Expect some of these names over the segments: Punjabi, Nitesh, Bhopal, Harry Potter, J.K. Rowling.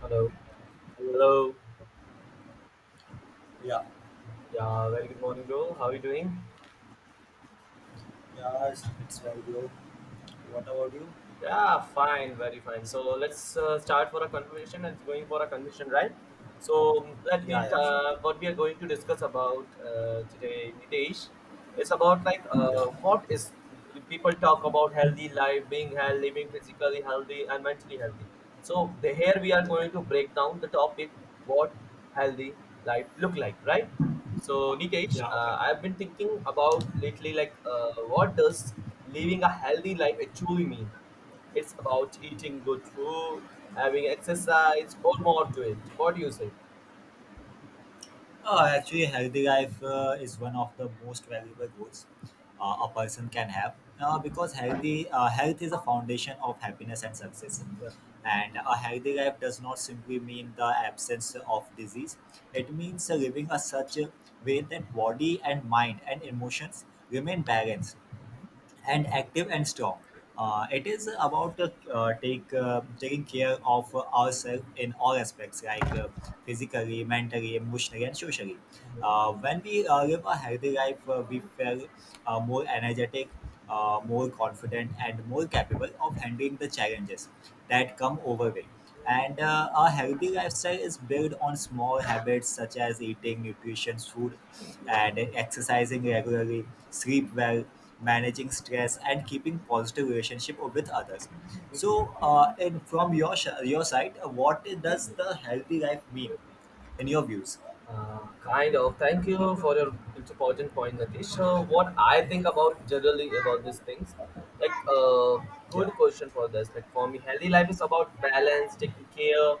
Hello. Hello. Hello. Yeah. Yeah, very good morning, bro. How are you doing? Yeah, it's very low. What about you? Yeah, fine, very fine. So let's start for a conversation. It's going for a conversation, right? So let Yeah, me. yeah, sure. What we are going to discuss about today, Nitesh, is about Yeah, what is people talk about healthy life, being healthy, living physically healthy and mentally healthy. So here we are yeah, going to break down the topic what healthy life look like, right? So Nitesh, yeah. Okay. I've been thinking about lately what does living a healthy life actually mean? It's about eating good food, having exercise, or more to it. What do you say? Actually, healthy life is one of the most valuable goals a person can have because health is a foundation of happiness and success. And a healthy life does not simply mean the absence of disease. It means living a such a way that body and mind and emotions remain balanced and active and strong. It is about take taking care of ourselves in all aspects, like, physically, mentally, emotionally, and socially. When we live a healthy life, we feel more energetic, more confident, and more capable of handling the challenges that come our way. And a healthy lifestyle is built on small habits such as eating nutritious food and exercising regularly, sleep well, managing stress and keeping positive relationship with others. So uh, and from your side, what does the healthy life mean in your views? Kind of. Thank you for your important point, Natish. So, what I think about generally about these things, like uh, good yeah, question for this. Like for me, healthy life is about balance, taking care,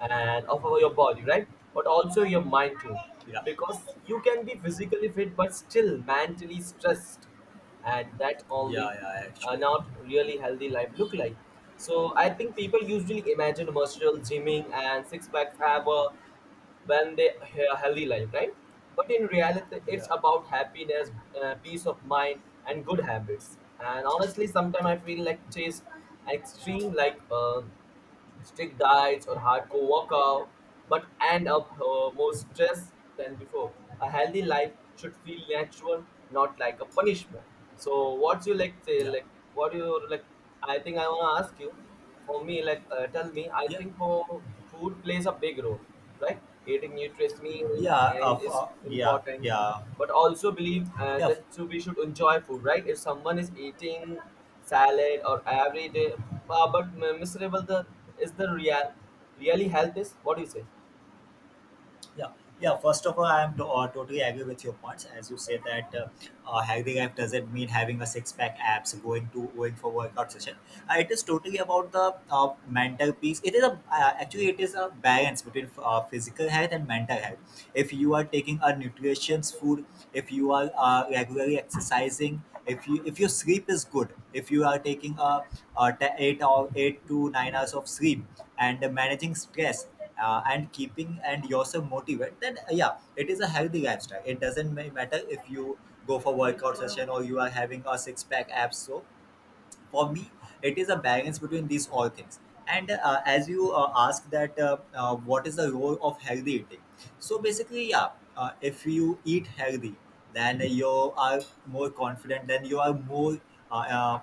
and of your body, right? But also your mind too, yeah, because you can be physically fit but still mentally stressed, and that yeah, only yeah actually, not really healthy life look like. So I think people usually imagine muscle, gymming, and six packs have a when they have a healthy life, right? But in reality, it's yeah, about happiness, peace of mind, and good habits. And honestly, sometimes yeah, I feel like chase extreme, strict diets or hardcore workout, but end up more stressed than before. A healthy life should feel natural, not like a punishment. So, what's you like? Say yeah, like, what do you like? I think I wanna ask you. For me, like, tell me. I yeah, think for food plays a big role, right? Eating nutritious meals yeah, and is yeah, important yeah, but also believe yeah. that so we should enjoy food, right? If someone is eating salad or every day miserable the is the real really health, is what do you say? Yeah, yeah. First of all, I am to, totally agree with your points. As you say that, having app doesn't mean having a six pack abs, going for workout session. It is totally about the mental piece. It is a actually it is a balance between physical health and mental health. If you are taking a nutritious food, if you are regularly exercising, if your sleep is good, if you are taking 8 or 8 to 9 hours of sleep, and managing stress, and keeping and yourself motivated, then yeah, it is a healthy lifestyle. It doesn't matter if you go for workout session or you are having a six pack abs. So for me, it is a balance between these all things. And as you ask that, what is the role of healthy eating. So basically, yeah, if you eat healthy, then you are more confident, then you are more uh, uh,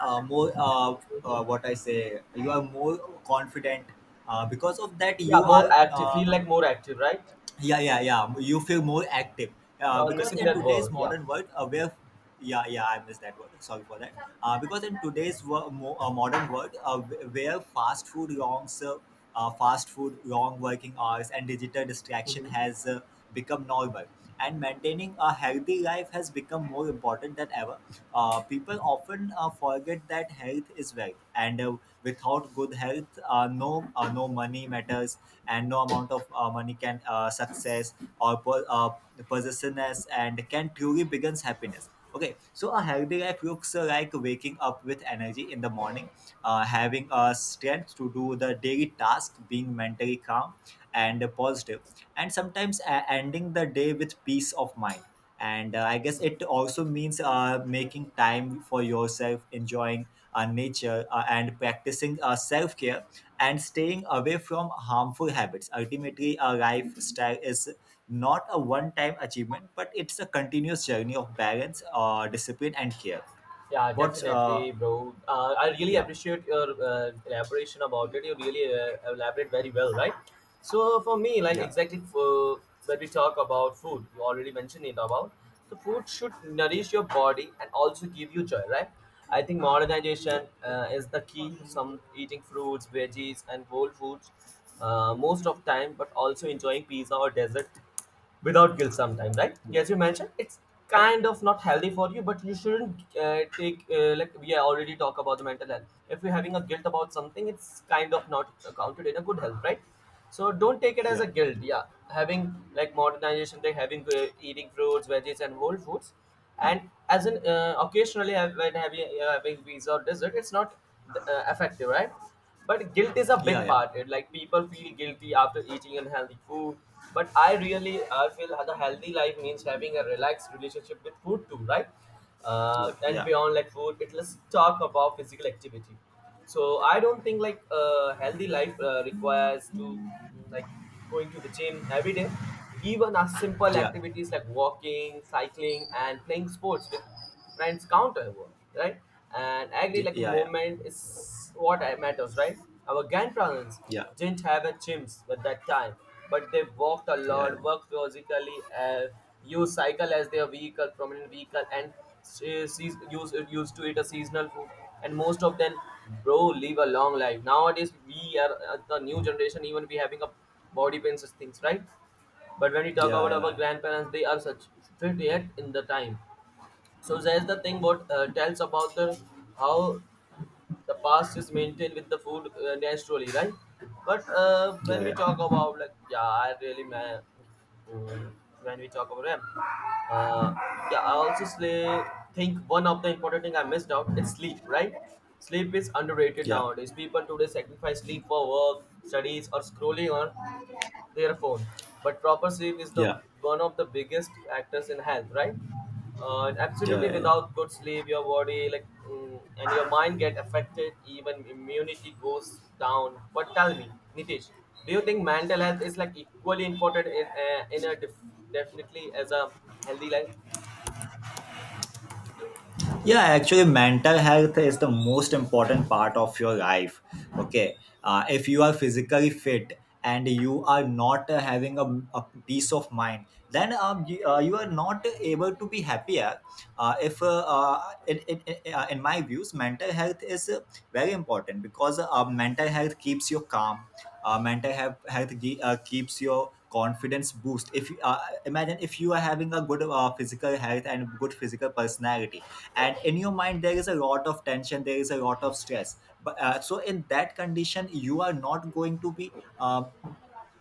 more what I say you are more confident. Because of that, Yeah, you more are active, feel like more active, right? yeah, yeah, yeah, you feel more active Now I'm because missing in that today's word. Yeah. modern world, where yeah, yeah, I missed that word, sorry for that. Because in today's modern world, where fast food, long working hours, and digital distraction Mhm. has become normal, and maintaining a healthy life has become more important than ever. People often forget that health is wealth, and without good health, no money matters, and no amount of money can success or possessiveness and can truly begins happiness. Okay, so a healthy life looks like waking up with energy in the morning, having a strength to do the daily task, being mentally calm and positive, and sometimes ending the day with peace of mind. And I guess it also means making time for yourself, enjoying our nature, and practicing our self-care, and staying away from harmful habits. Ultimately, our lifestyle is not a one-time achievement, but it's a continuous journey of balance, or discipline, and care. Yeah, What? Ah, definitely, bro. I really yeah, appreciate your elaboration about it. You really elaborate very well, right? So for me, like yeah, exactly for, when we talk about food, you already mentioned it about the food should yeah, nourish your body and also give you joy, right? I think modernization yeah, is the key. Some eating fruits, veggies, and whole foods most of time, but also enjoying pizza or dessert without guilt sometime, right? yeah, As you mentioned it's kind of not healthy for you, but you shouldn't take like we already talk about the mental health. If you're having a guilt about something, it's kind of not counted in a good health, right? So don't take it as a yeah, guilt. Yeah, having like modernization they having eating fruits, veggies and whole foods, and as in occasionally have, when having, having pizza or dessert, it's not effective, right? But guilt is yeah, a yeah, yeah, yeah, yeah, yeah, yeah, yeah, big yeah, part. yeah, It like people feel guilty after eating unhealthy food, but I really, I feel the healthy life means having a relaxed relationship with food too, right? And beyond like food, it let's talk about physical activity. So I don't think healthy life requires to like going to the gym every day. Even as simple activities like walking, cycling, and playing sports with friends count our work, right? And I agree, like movement is what matters, right? Our grandparents didn't have a gyms at that time, but they walked a lot, worked physically, uh, used cycle as their vehicle, prominent vehicle, and used to eat a seasonal food, and most of them, bro, live a long life. Nowadays we are the new generation, even we having a body pains and things, right? But when we talk about our grandparents, they are such fit yet in the time. So there's the thing what tells about the how the past is maintained with the food naturally, right? But when we talk about like yeah, I really, man. Mm, when we talk about them, uh, yeah I also slay, think one of the important thing I missed out is sleep, right? Sleep is underrated. yeah, Nowadays people today sacrifice sleep for work, studies or scrolling or their phone. But proper sleep is the yeah, yeah, one of the biggest actors in health, right? And absolutely, yeah, yeah. without good sleep, your body and your mind get affected. Even immunity goes down. But tell me, Nitish, do you think mental health is like equally important definitely as a healthy life? Yeah, actually mental health is the most important part of your life. Okay. If you are physically fit and you are not having a peace of mind, then you are not able to be happier. If in, in In my views, mental health is very important because mental health keeps you calm. Mental health, keeps your confidence boost. If imagine if you are having a good physical health and good physical personality, and in your mind there is a lot of tension, there is a lot of stress, but so in that condition, you are not going to be uh,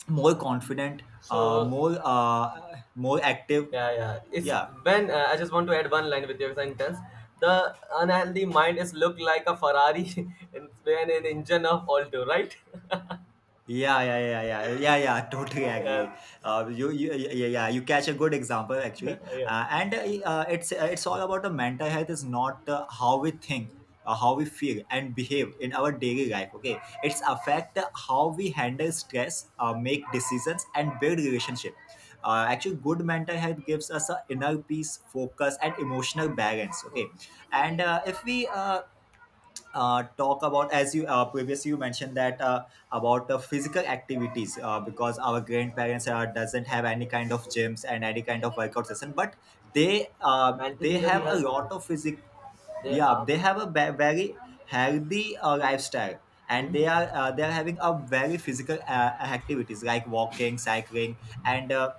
more confident, So more active. yeah, yeah. It's Yeah. when I just want to add one line with your sentence. The unhealthy mind is look like a Ferrari and when an engine of Alto, right? Yeah, yeah, yeah, yeah, yeah, yeah. Totally Yeah. agree. Yeah, yeah. You catch a good example actually, Yeah. And it's all about the mental health. Is not how we think, how we feel, and behave in our daily life. Okay, it's affect how we handle stress, make decisions, and build relationship. Actually, good mental health gives us a inner peace, focus, and emotional balance. Okay, Hmm. and if we talk about, as you previously you mentioned, that about the physical activities, because our grandparents doesn't have any kind of gyms and any kind of workout session, but Mentally they very have a healthy. lot of physic. They Yeah, are. they have a very healthy lifestyle, and Hmm? They are having a very physical activities like walking, cycling, and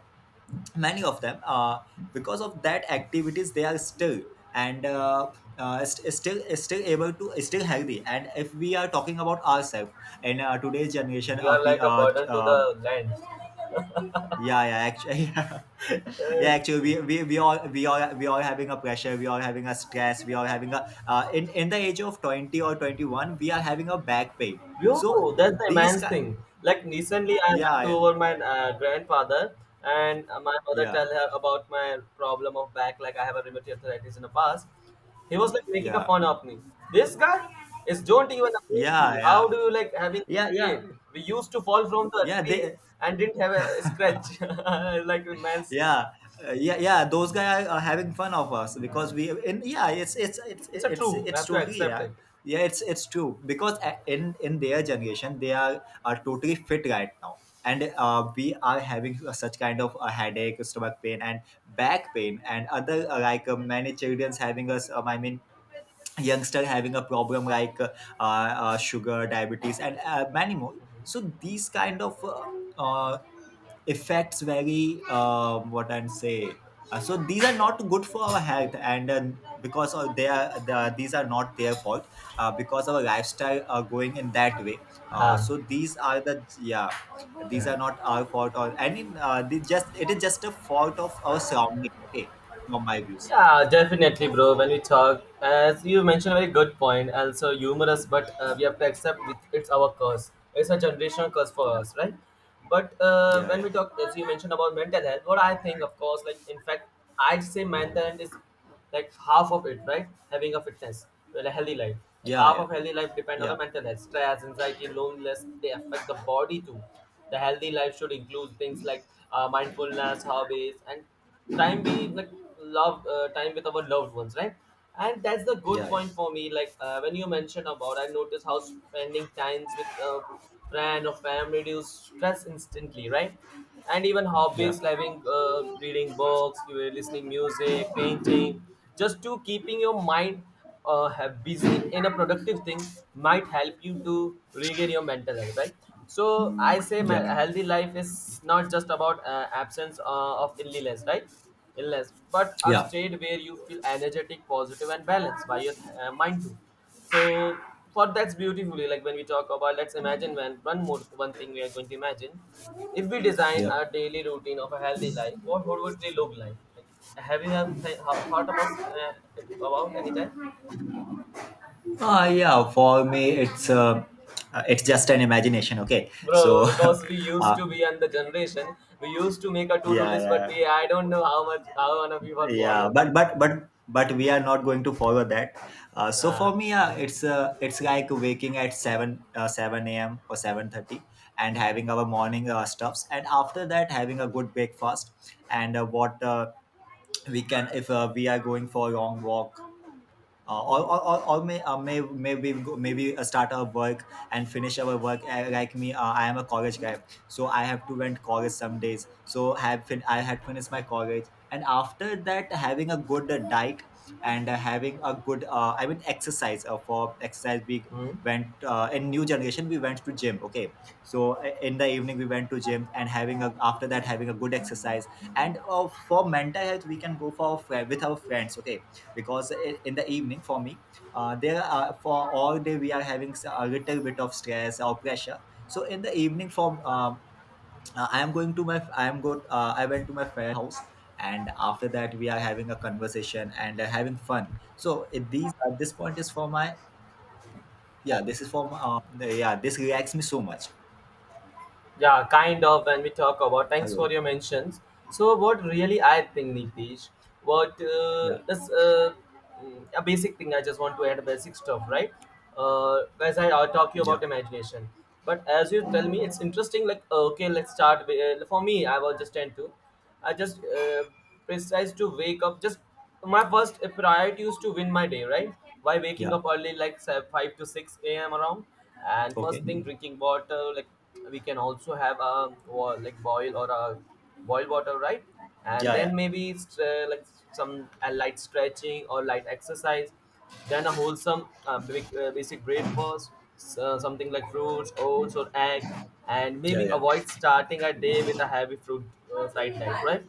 many of them, because of that activities, they are still, and st- still still able to, still healthy. And if we are talking about ourselves in today's generation, We are like a burden to the land. yeah, yeah, actually yeah, That's actually cute. We all having a pressure, we all having a stress, we all having a in the age of 20 or 21, we are having a back pain. So Yo, that's the these immense ki- thing. Like recently, I went to yeah, over my grandfather, and my mother yeah, tell her about my problem of back. Like I have a rheumatoid arthritis in the past. He was like yeah, making a yeah, fun of me. This guy is don't even a 20. How yeah, do you like having yeah, such yeah, pain? We used to fall from the yeah, tree yeah, and didn't have a scratch. Like immense. yeah. Yeah, yeah, those guys are having fun of us, Uh, because we, and yeah, it's it's it's It's a it's true. I it's have to totally accept yeah. it. Yeah, it's true because in their generation they are totally fit right now. And we are having such kind of a headache, stomach pain, and back pain, and other many children's having us, I mean youngster having a problem like, sugar diabetes, and many more. So these kind of, effects very, what I'm saying, so these are not good for our health. And because of they are, Mhm. these are not their fault. Because our lifestyle are going in that way, हाँ so these are the, yeah, और वो these yeah. are तो not फिर वहाँ our पे तुम fault, or काम and करोगे? in, they just, it What is to just a do? fault of our फिर वो मतलब surrounding. Okay, from परेशान. my views. Yeah, definitely, bro. When we talk, as you mentioned, a very good point. Also humorous, but we have to accept it, it's our curse. It's a generational curse for Yeah, us, right? But yeah, when yeah, we talk, as you mentioned about mental health, what I think, of course, like in fact, I'd say mental health is like half of it, right? Having a fitness, well, a healthy life, like half yeah, of healthy life depend on yeah, a mental health. Stress, anxiety, loneliness, they affect the body too. The healthy life should include things like mindfulness, hobbies, and time we like love time with our loved ones, right? And that's the good yeah, yeah, point for me, when you mentioned about, I noticed how spending times with a friend or family reduce stress instantly, right? And even yeah, hobbies like reading books, you were listening music, painting, just to keeping your mind have busy in a productive thing might help you to regain your mental health, right? So I say my yeah, yeah, healthy life is not just about absence of illness, right? Illness, but a yeah, state where you feel energetic, positive and balanced by your mind too. So for that's beautifully, like when we talk about let's imagine, when one thing we are going to imagine, if we design yeah. our daily routine of a healthy life, what would it really look like? Like have you thought about it about any time? Ah, yeah, for me it's just an imagination. Okay, Bro, so because we used uh, to be in the generation we used to make a yeah, to-do yeah, list, but yeah. we, I don't know how much how one of you are follow. Yeah, but we are not going to follow that. So Yeah. for me, it's like waking at 7, 7 a.m or 7:30, and having our morning stuffs, and after that, having a good breakfast. And what we can, if we are going for a long walk, Mhm. Or may maybe go- maybe start our work and finish our work. Like me, I am a college guy, so I have to went college some days. So I had finished my college, and after that having a good diet, and having a good, I mean exercise, for exercise big Mhm. went, in new generation we went to gym. Okay, so in the evening we went to gym, and having a, after that having a good exercise. And for mental health we can go for with our friends. Okay, because in the evening for me, there are, for all day we are having a little bit of stress or pressure. So in the evening, from I am going to my I am go I went to my friend house, and after that we are having a conversation, and having fun. So it, these this point is for my, yeah, this is from yeah, this reacts me so much. Yeah, kind of when we talk about. Thanks for Hello. your mentions. So, what really I think, Nitish, what Yeah, a basic thing I just want to add basic stuff, right? Guys, I'll talk you about yeah, imagination, but as you tell me, it's interesting. Like, okay, let's start. For me, I was just tend to, I just precise to wake up. Just my first priority is to win my day, right? By yeah. waking up early, like say, 5 to 6 a.m. around, and first Okay. thing drinking water. Like we can also have a like boil or a boil water, right? And Yeah, yeah, then maybe like some light stretching or light exercise, then a wholesome basic breakfast, something like fruits, oats, or egg, and yeah, maybe yeah, avoid starting a day with a heavy fruit fried diet, right?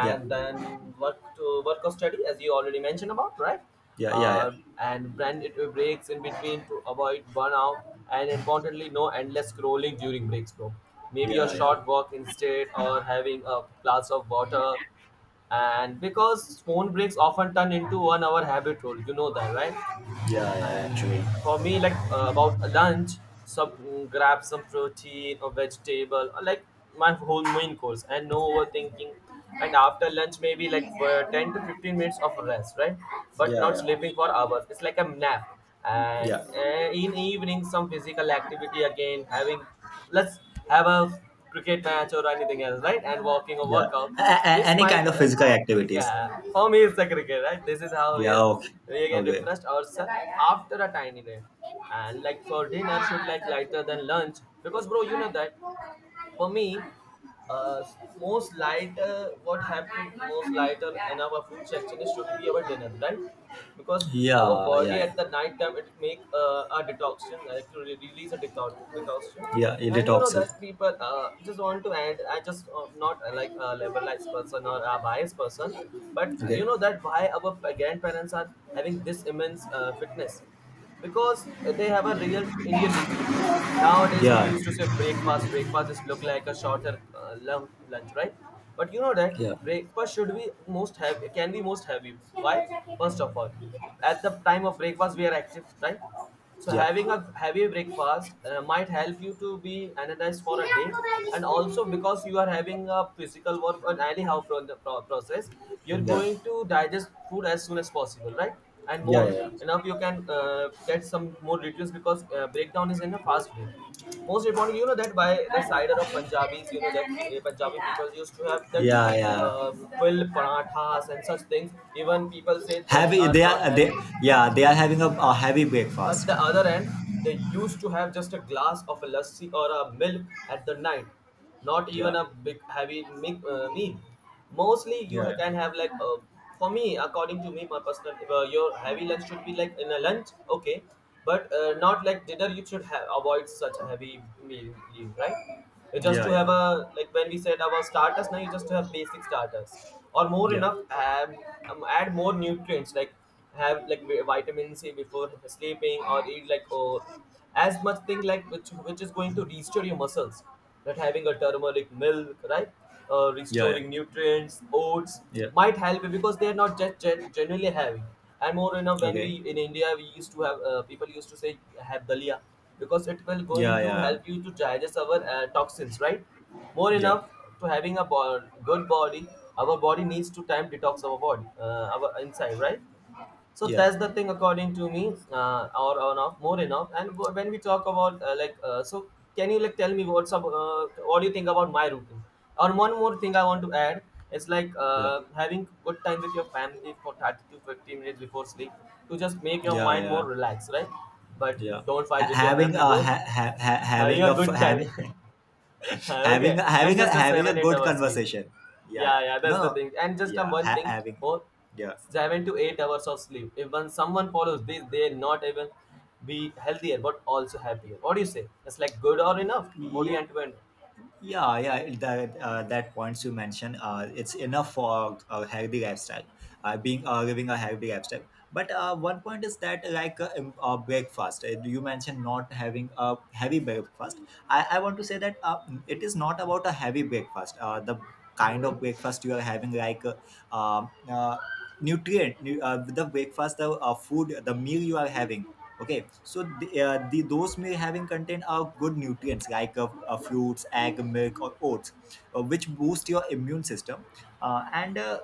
yeah, then work to work or study, as you already mentioned about, right? yeah, yeah, Uh, and brand it with breaks in between to avoid burnout, and importantly, no endless scrolling during breaks, bro. Maybe a yeah, yeah, yeah, short walk instead, or having a glass of water, and because phone breaks often turn into 1 hour habit rule, you know that, right? Like yeah, yeah. and Actually, for me, about lunch, grab some protein or vegetable or like my whole main course, and no overthinking. And after lunch maybe yeah, like for 10 to yeah, 15 minutes of rest, right? But not sleeping for hours, it's like a nap. And yeah, in evening some physical activity again, having let's have a cricket match or anything else, right? And walking or yeah. workout, A- this any might, kind of physical activities. yeah, for me it's the cricket, right? This is how we, Yeah. Okay. we can Okay. refresh ourselves after a tiny day. And like for dinner, should like lighter than lunch because bro, you know that for me, uh, most lighter, what have to most lighter in our food section is should be our dinner, right? Because our Yeah, yeah, body yeah. at the night time it make a detoxion, like to release a detox, detoxion. Yeah, it And you know detoxes. that people just want to add. I just not like a liberalized person or a biased person, but you Okay. know that why our grandparents are having this immense fitness because they have a real Indian routine. Nowadays, we Yeah, used to say breakfast. Breakfast is look like a shorter lunch, right? But you know that yeah, breakfast should be most heavy. Can be most heavy. Why? First of all, at the time of breakfast, we are active, right? So yeah, having yeah, a heavy breakfast might help you to be energized for a day, and also because you are having a physical work on anyhow process, you're yeah, going to digest food as soon as possible, right? And more yeah, enough, you can get some more nutrients because breakdown is in a fast way. Most importantly, you know that by the side of Punjabis, you know that Punjabi people used to have that yeah, uh, yeah. full parathas and such things. Even people say that Heavy, are they not are they healthy, yeah, they are having a heavy but breakfast. the other end, they used to have just a glass of a lassi or a milk at the night, not even Yeah, a big heavy meal. Mostly, you yeah, yeah. can have like for me, according to me, my personal your heavy lunch should be like in a lunch, okay, but not like dinner. You should have avoid such a heavy meal, right? Just Yeah, to yeah, have a like when we said about starters, now you just to have basic starters or more yeah, enough add more nutrients like, have like vitamin c before sleeping, or eat like, or as much thing like which is going to restore your muscles, that having a turmeric milk, right? Yeah, yeah, Restoring nutrients, oats yeah. might help it because they are not just generally having. And more enough when we Okay. in India we used to have people used to say have dalia because it will Yeah, going to yeah, help you to digest our toxins, right? More yeah, enough to having a good body, our body needs to time detox our body, our inside, right? So yeah, that's the thing according to me or enough more enough, and when we talk about like so, can you like tell me what's up, what do you think about my routine, or one more thing I want to add is like yeah, having good time with your family for 30 to 50 minutes before sleep to just make your yeah, mind more yeah, relaxed, right? But yeah. don't Ha- fight with your having family, a bro. ha- ha- ha- Having having a a f- good time. Having having Okay, a, and having a just a having a 7-8 good hour sleep. conversation. Yeah, Yeah, yeah. yeah, No, that's the no. thing. And just Yeah, one ha- thing, having. for Yeah. 7 to 8 hours of sleep. If when someone follows this, they not even be healthier but also happier. What do you say? It's like good or enough? What do you Yeah. end to end? Yeah, yeah, that that points you mentioned, it's enough for a healthy lifestyle, being living a healthy lifestyle. But one point is that like breakfast, you mentioned not having a heavy breakfast. I want to say that it is not about a heavy breakfast. The kind Mhm. of breakfast you are having, like nutrient, nu- the breakfast, the food, the meal you are having. Okay, so the those may having contain are good nutrients, like fruits, egg, milk, or oats, which boost your immune system, and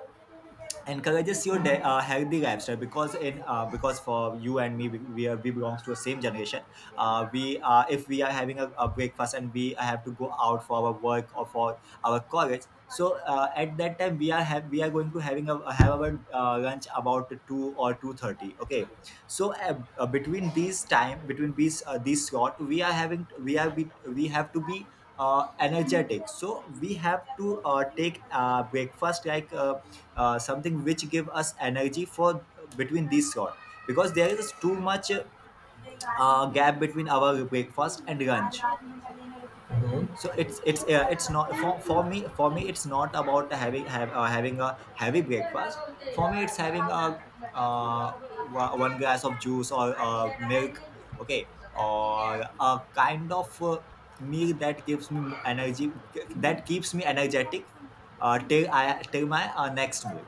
encourages your healthy lifestyle, because in because for you and me, we belongs to the same generation. We are, if we are having a breakfast, and we have to go out for our work or for our college, so at that time, we are going to having a have our lunch about 2 or 2:30. Okay, so between these time between these slot, we are having we are we have to be energetic, so we have to take breakfast like something which give us energy for between these sort, because there is too much gap between our breakfast and lunch. So it's not for me, Mhm. it's not about having a heavy breakfast. For me, it's having a uh, one glass of juice or milk. Okay, or a kind of meal that gives me energy, that keeps me energetic till I till my next meal.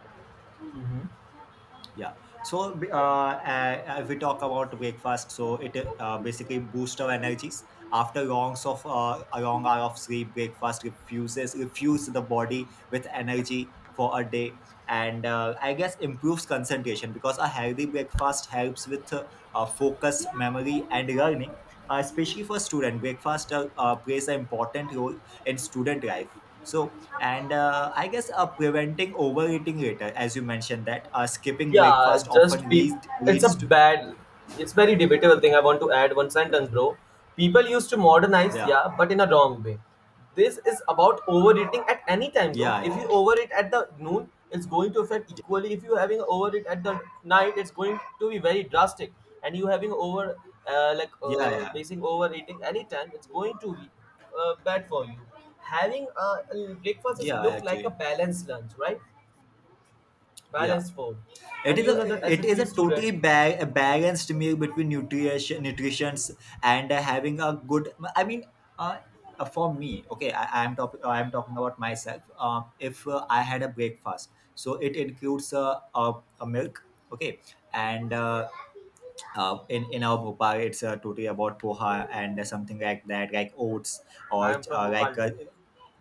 Mhm. Yeah. So, if we talk about breakfast, so it basically boosts our energies after longs of a long hour of sleep. Breakfast refuse the body with energy for a day, and I guess improves concentration, because a healthy breakfast helps with focus, memory, and learning. Especially for student, breakfast plays an important role in student life. So, and I guess preventing overeating later, as you mentioned, that skipping Yeah, breakfast just often peop leads it's a leads to... bad, it's very debatable thing, I want to add one sentence, bro. People used to modernize, Yeah, yeah, but in a wrong way. This is about overeating at any time, bro. yeah, If you yeah, overeat at the noon, it's going to affect equally. If you're having overeat at the night, it's going to be very drastic. And you having over like yeah, yeah, yeah, basing overeating anytime it's going to be bad for you. Having a breakfast is yeah, look like a actually, balanced lunch, right? yeah. Balanced food. It And is you a know that as a it is PE a student, totally ba- a balanced meal between nutrition, nutritions, and having a good. I mean, uh, for me, okay, I am talking about myself. If I had a breakfast, so it includes a milk, okay, and in our Bhopal, it's totally about poha and something like that, like oats I or am from Bhopal like. Too.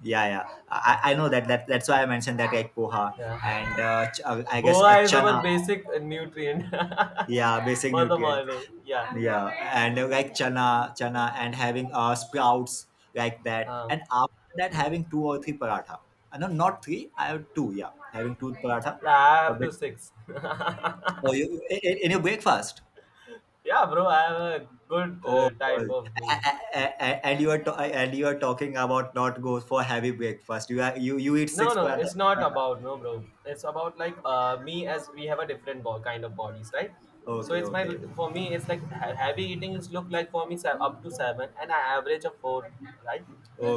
Yeah, yeah. Yeah. I know that that's why I mentioned that, like poha, Yeah. and I guess a Boa is our chana. basic nutrient Yeah, basic for the nutrient, morning. Yeah. yeah, and like chana, and having sprouts, like that, Um, and after that having two or three paratha. No, not three. I have two. Yeah, having two paratha, like I a have bit. to six. Or you, in your breakfast. Yeah, bro, I have a good Oh, type a- of meal. A- and you are ta- and you are talking about not go for heavy breakfast. You are you eat No, six no, paratha. it's not about no, bro. It's about like me, as we have a different kind of bodies, right? So Okay, it's my, okay, for me it's like heavy eating is look like for me up to seven and I average of four, right?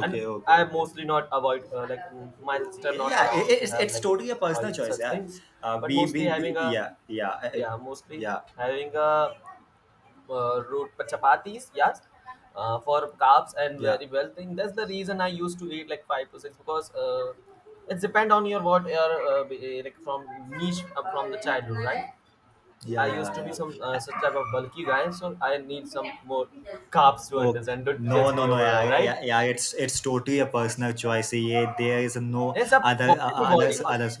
And okay, I okay. mostly not avoid like my sister Yeah, not yeah, allow it, me to it's have it's like totally a all personal these choice. such Yeah, things, but we, mostly we having a yeah, yeah, yeah, mostly yeah, having a root chapatis, yes, for carbs and yeah, very well thing. That's the reason I used to eat like five to six because it depend on your what your like from niche from the childhood, right? I yeah, used to yeah, be yeah. some such type of bulky guy, so I need some more carbs to Oh, understand. Don't no, judge no, me no, over yeah, that, yeah, right? yeah, yeah, it's totally a personal choice. Yeah, there is no It's a other body to body, others first others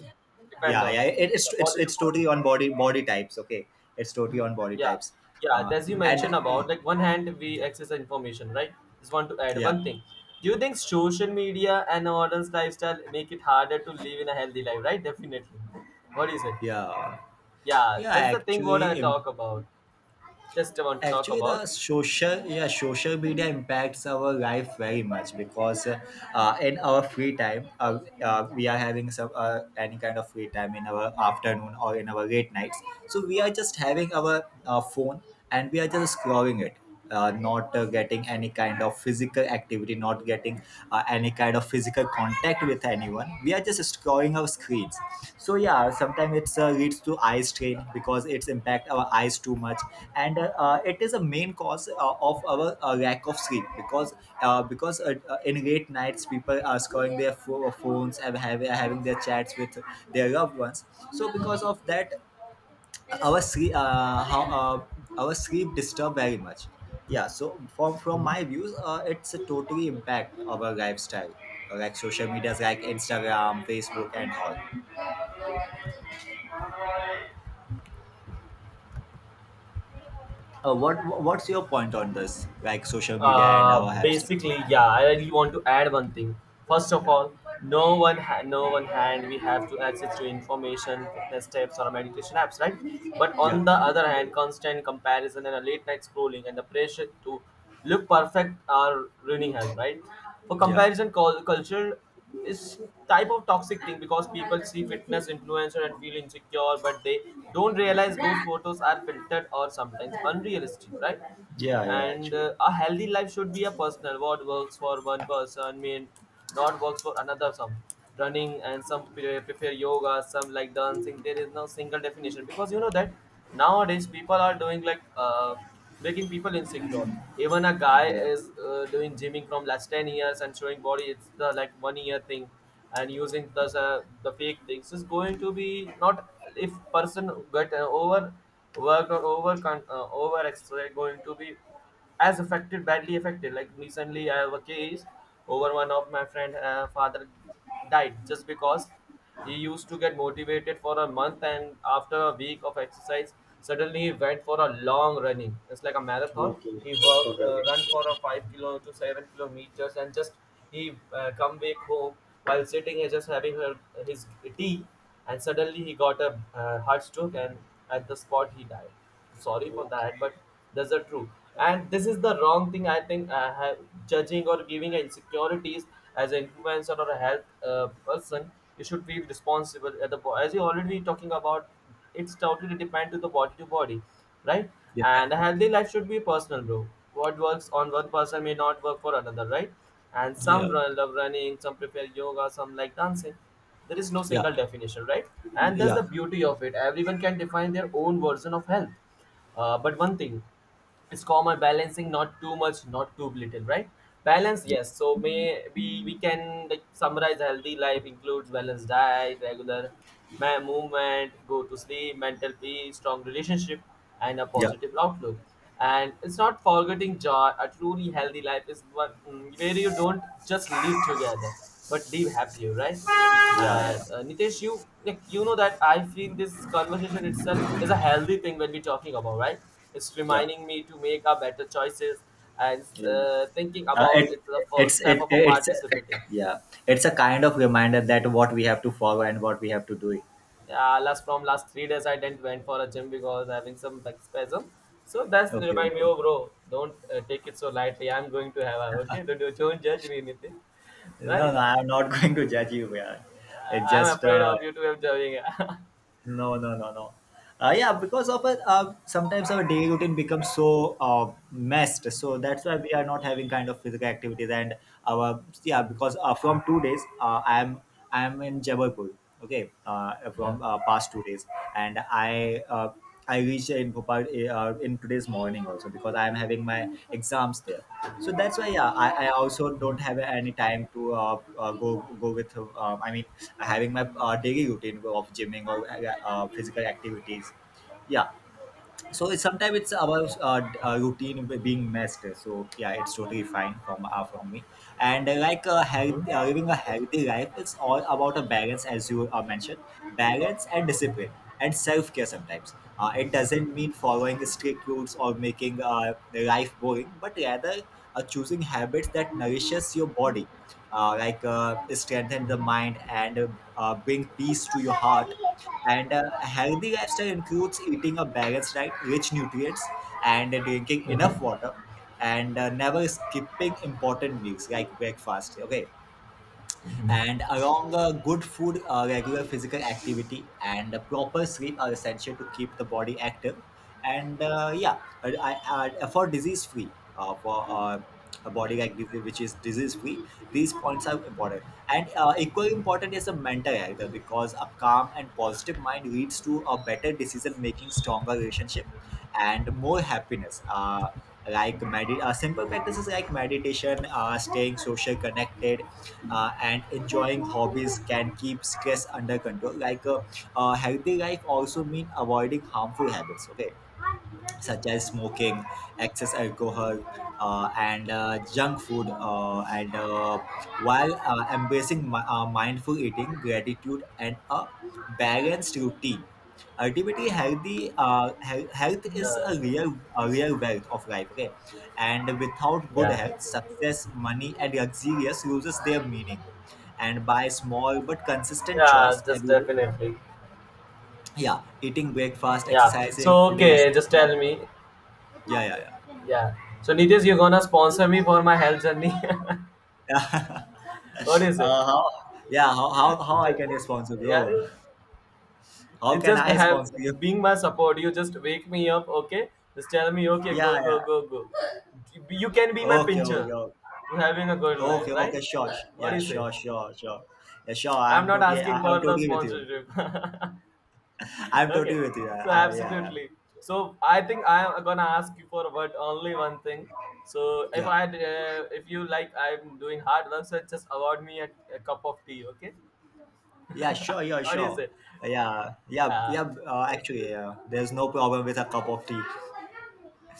depend Yeah, on yeah, it, the body to it's body. totally on body types. Okay, it's totally on body Yeah, types. yeah. uh As you and mentioned about, like, one hand we yeah, access the information, right? Just want to add yeah, one thing. Do you think social media and modern lifestyle make it harder to live in a healthy life, right? Definitely. What do you say? yeah, Yeah, yeah, that's the thing what I actually talk about. Just want to talk actually the about. Social media impacts our life very much, because in our free time, we are having some any kind of free time in our afternoon or in our late nights, so we are just having our phone and we are just scrolling it, not getting any kind of physical activity, not getting any kind of physical contact with anyone. We are just scrolling our screens. So yeah, sometimes it's leads to eye strain, because it's impact our eyes too much. And it is a main cause of our lack of sleep, because in late nights people are scrolling their phones and having their chats with their loved ones. So because of that, our sleep uh, how, our sleep disturbed very much. Yeah, so from Mhm. my views, it's a totally impact of our lifestyle, like social medias like Instagram, Facebook, and all. What's your point on this, like social media and our lifestyle? Basically, yeah, I really want to add one thing. First of all, no one hand, we have to access to information, fitness tips, or meditation apps, right? But Yeah, on the other hand, constant comparison and a late night scrolling and the pressure to look perfect are ruining health, right? For yeah, comparison culture is type of toxic thing because people see fitness influencer and feel insecure but they don't realize those photos are filtered or sometimes unrealistic, right? yeah, yeah, And actually, a healthy life should be a personal, what works for one person may not works for another, some running and some prefer yoga, some like dancing, there is no single definition because you know that nowadays people are doing like making people insecure. Even a guy yeah. is doing gymming from last 10 years and showing body, it's the like one year thing, and using the fake things is going to be not. If person get over worked or over over exercise going to be as affected, badly affected, like recently I have a case over one of my friend father died just because he used to get motivated for a month, and after a week of exercise suddenly he went for a long running, it's like a marathon. Okay, He worked okay, okay. Run for a 5 kilo to 7 kilometers and just he come back home while sitting and just having his tea, and suddenly he got a heart stroke, and at the spot he died. Sorry for that, but that's the truth. And this is the wrong thing, I think I have judging or giving insecurities. As an influencer or a health person, you should be responsible at the as you already talking about, it's totally depend to the body to body, right? Yeah, And a yeah, healthy life should be personal, bro. What works on one person may not work for another, right? And some yeah, run, love running, some prefer yoga, some like dancing, there is no yeah, single definition, right? And that's yeah, the beauty of it, everyone can define their own version of health. But one thing, it's common balancing, not too much, not too little, right? Balance, yes. So, may we can like summarize: healthy life includes balanced diet, regular movement, go to sleep, mental peace, strong relationship, and a yeah, positive outlook. And it's not forgetting joy, a truly healthy life is one where you don't just live together but live happier, right? yeah, yeah, yeah, And Nitesh, you like you know that I feel this conversation itself is a healthy thing when we're talking about, right? It's yeah. reminding me to make our better choices, and Yeah, yeah. Thinking uh, about it, it the first it's step it, of a it's participating. yeah, it's a kind of reminder that what we have to follow and what we have to do. Yeah, last 3 days I didn't went for a gym because having some back spasm. So that's Okay. remind me, No, oh bro, don't take it so lightly. I'm going to have a, okay. Don't judge me anything, no, right? I'm not going to judge you, yeah. It's I'm just afraid of you to have judging. no, no, no, no. Yeah, because of it, sometimes our daily routine becomes so messed. So that's why we are not having kind of physical activities. And our Yeah, Mhm. because from 2 days, I'm in Jabalpur. Okay, Yeah. from past 2 days, and I reached in Bhopal in today's morning also, because I am having my exams there. So that's why, yeah, I Mhm. also don't have any time to go with. I mean, having my daily routine of gymming or physical activities. Yeah, so it's sometimes it's our routine being messed. So yeah, it's totally fine from me. and uh, like uh, health, Mhm. uh, living a healthy life is all about a balance, as you mentioned. Balance and discipline and self-care, sometimes it doesn't mean following strict rules or making life boring, but rather choosing habits that nourishes your body, like strengthen the mind, and bring peace to your heart. And a healthy lifestyle includes eating a balanced diet, rich nutrients, and drinking enough water, and never skipping important meals like breakfast. Okay, and along a good food, regular physical activity, and a proper sleep are essential to keep the body active. And yeah, for disease free, for a body like disease which is disease free, these points are important. And equally important is a mental health, because a calm and positive mind leads to a better decision making, stronger relationship, and more happiness. Like simple practices like meditation, staying social connected, and enjoying hobbies can keep stress under control. Like a healthy life also mean avoiding harmful habits, okay, such as smoking, excess alcohol, and junk food. And while embracing mindful eating, gratitude, and a balanced routine, ultimately healthy health is Uh, a real wealth of life. Okay, and without good yeah. health, success, money, and luxurious loses their meaning. And by small but consistent Yeah, choice just every day, definitely. yeah, eating breakfast, Yeah. exercising, So and okay, resting just well. tell me. Yeah, yeah, yeah. Yeah. So Nitish, you're gonna sponsor me for my health journey. Yeah. What is it? How? Yeah. How? How I Ju- can sponsor Yeah. you? How It can just I sponsor you? have being my support. You just wake me up, okay? Just tell me, okay, Yeah. go, Yeah. go, go, go. You can be my Okay. Okay. pincher Okay. to having a good life, Okay. right? Okay. Sure. What Yeah. do you say? Sure. Sure. Sure. Yeah. Sure. I'm I'm not totally. asking I'm for the totally with you. sponsorship. I'm Okay, totally with you. So Yeah. Yeah. absolutely. So I think I am gonna ask you for but only one thing. So if Yeah. I if you like I'm doing hard work, so just award me a cup of tea, okay? Yeah, sure, yeah, What do you sure. say? Yeah, yeah, yeah. Yeah. Actually, yeah, there's no problem with a cup of tea.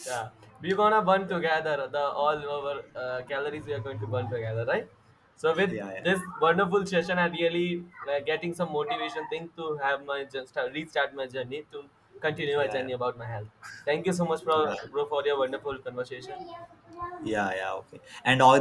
Yeah, we're gonna burn together, the all our calories we are going to burn together, right? So with Yeah, yeah, yeah, this wonderful session, I really getting some motivation thing to have my start restart my journey to continue my yeah, journey about my health. Thank you so much, for yeah, bro, for your wonderful conversation. yeah, yeah, yeah. Okay. And all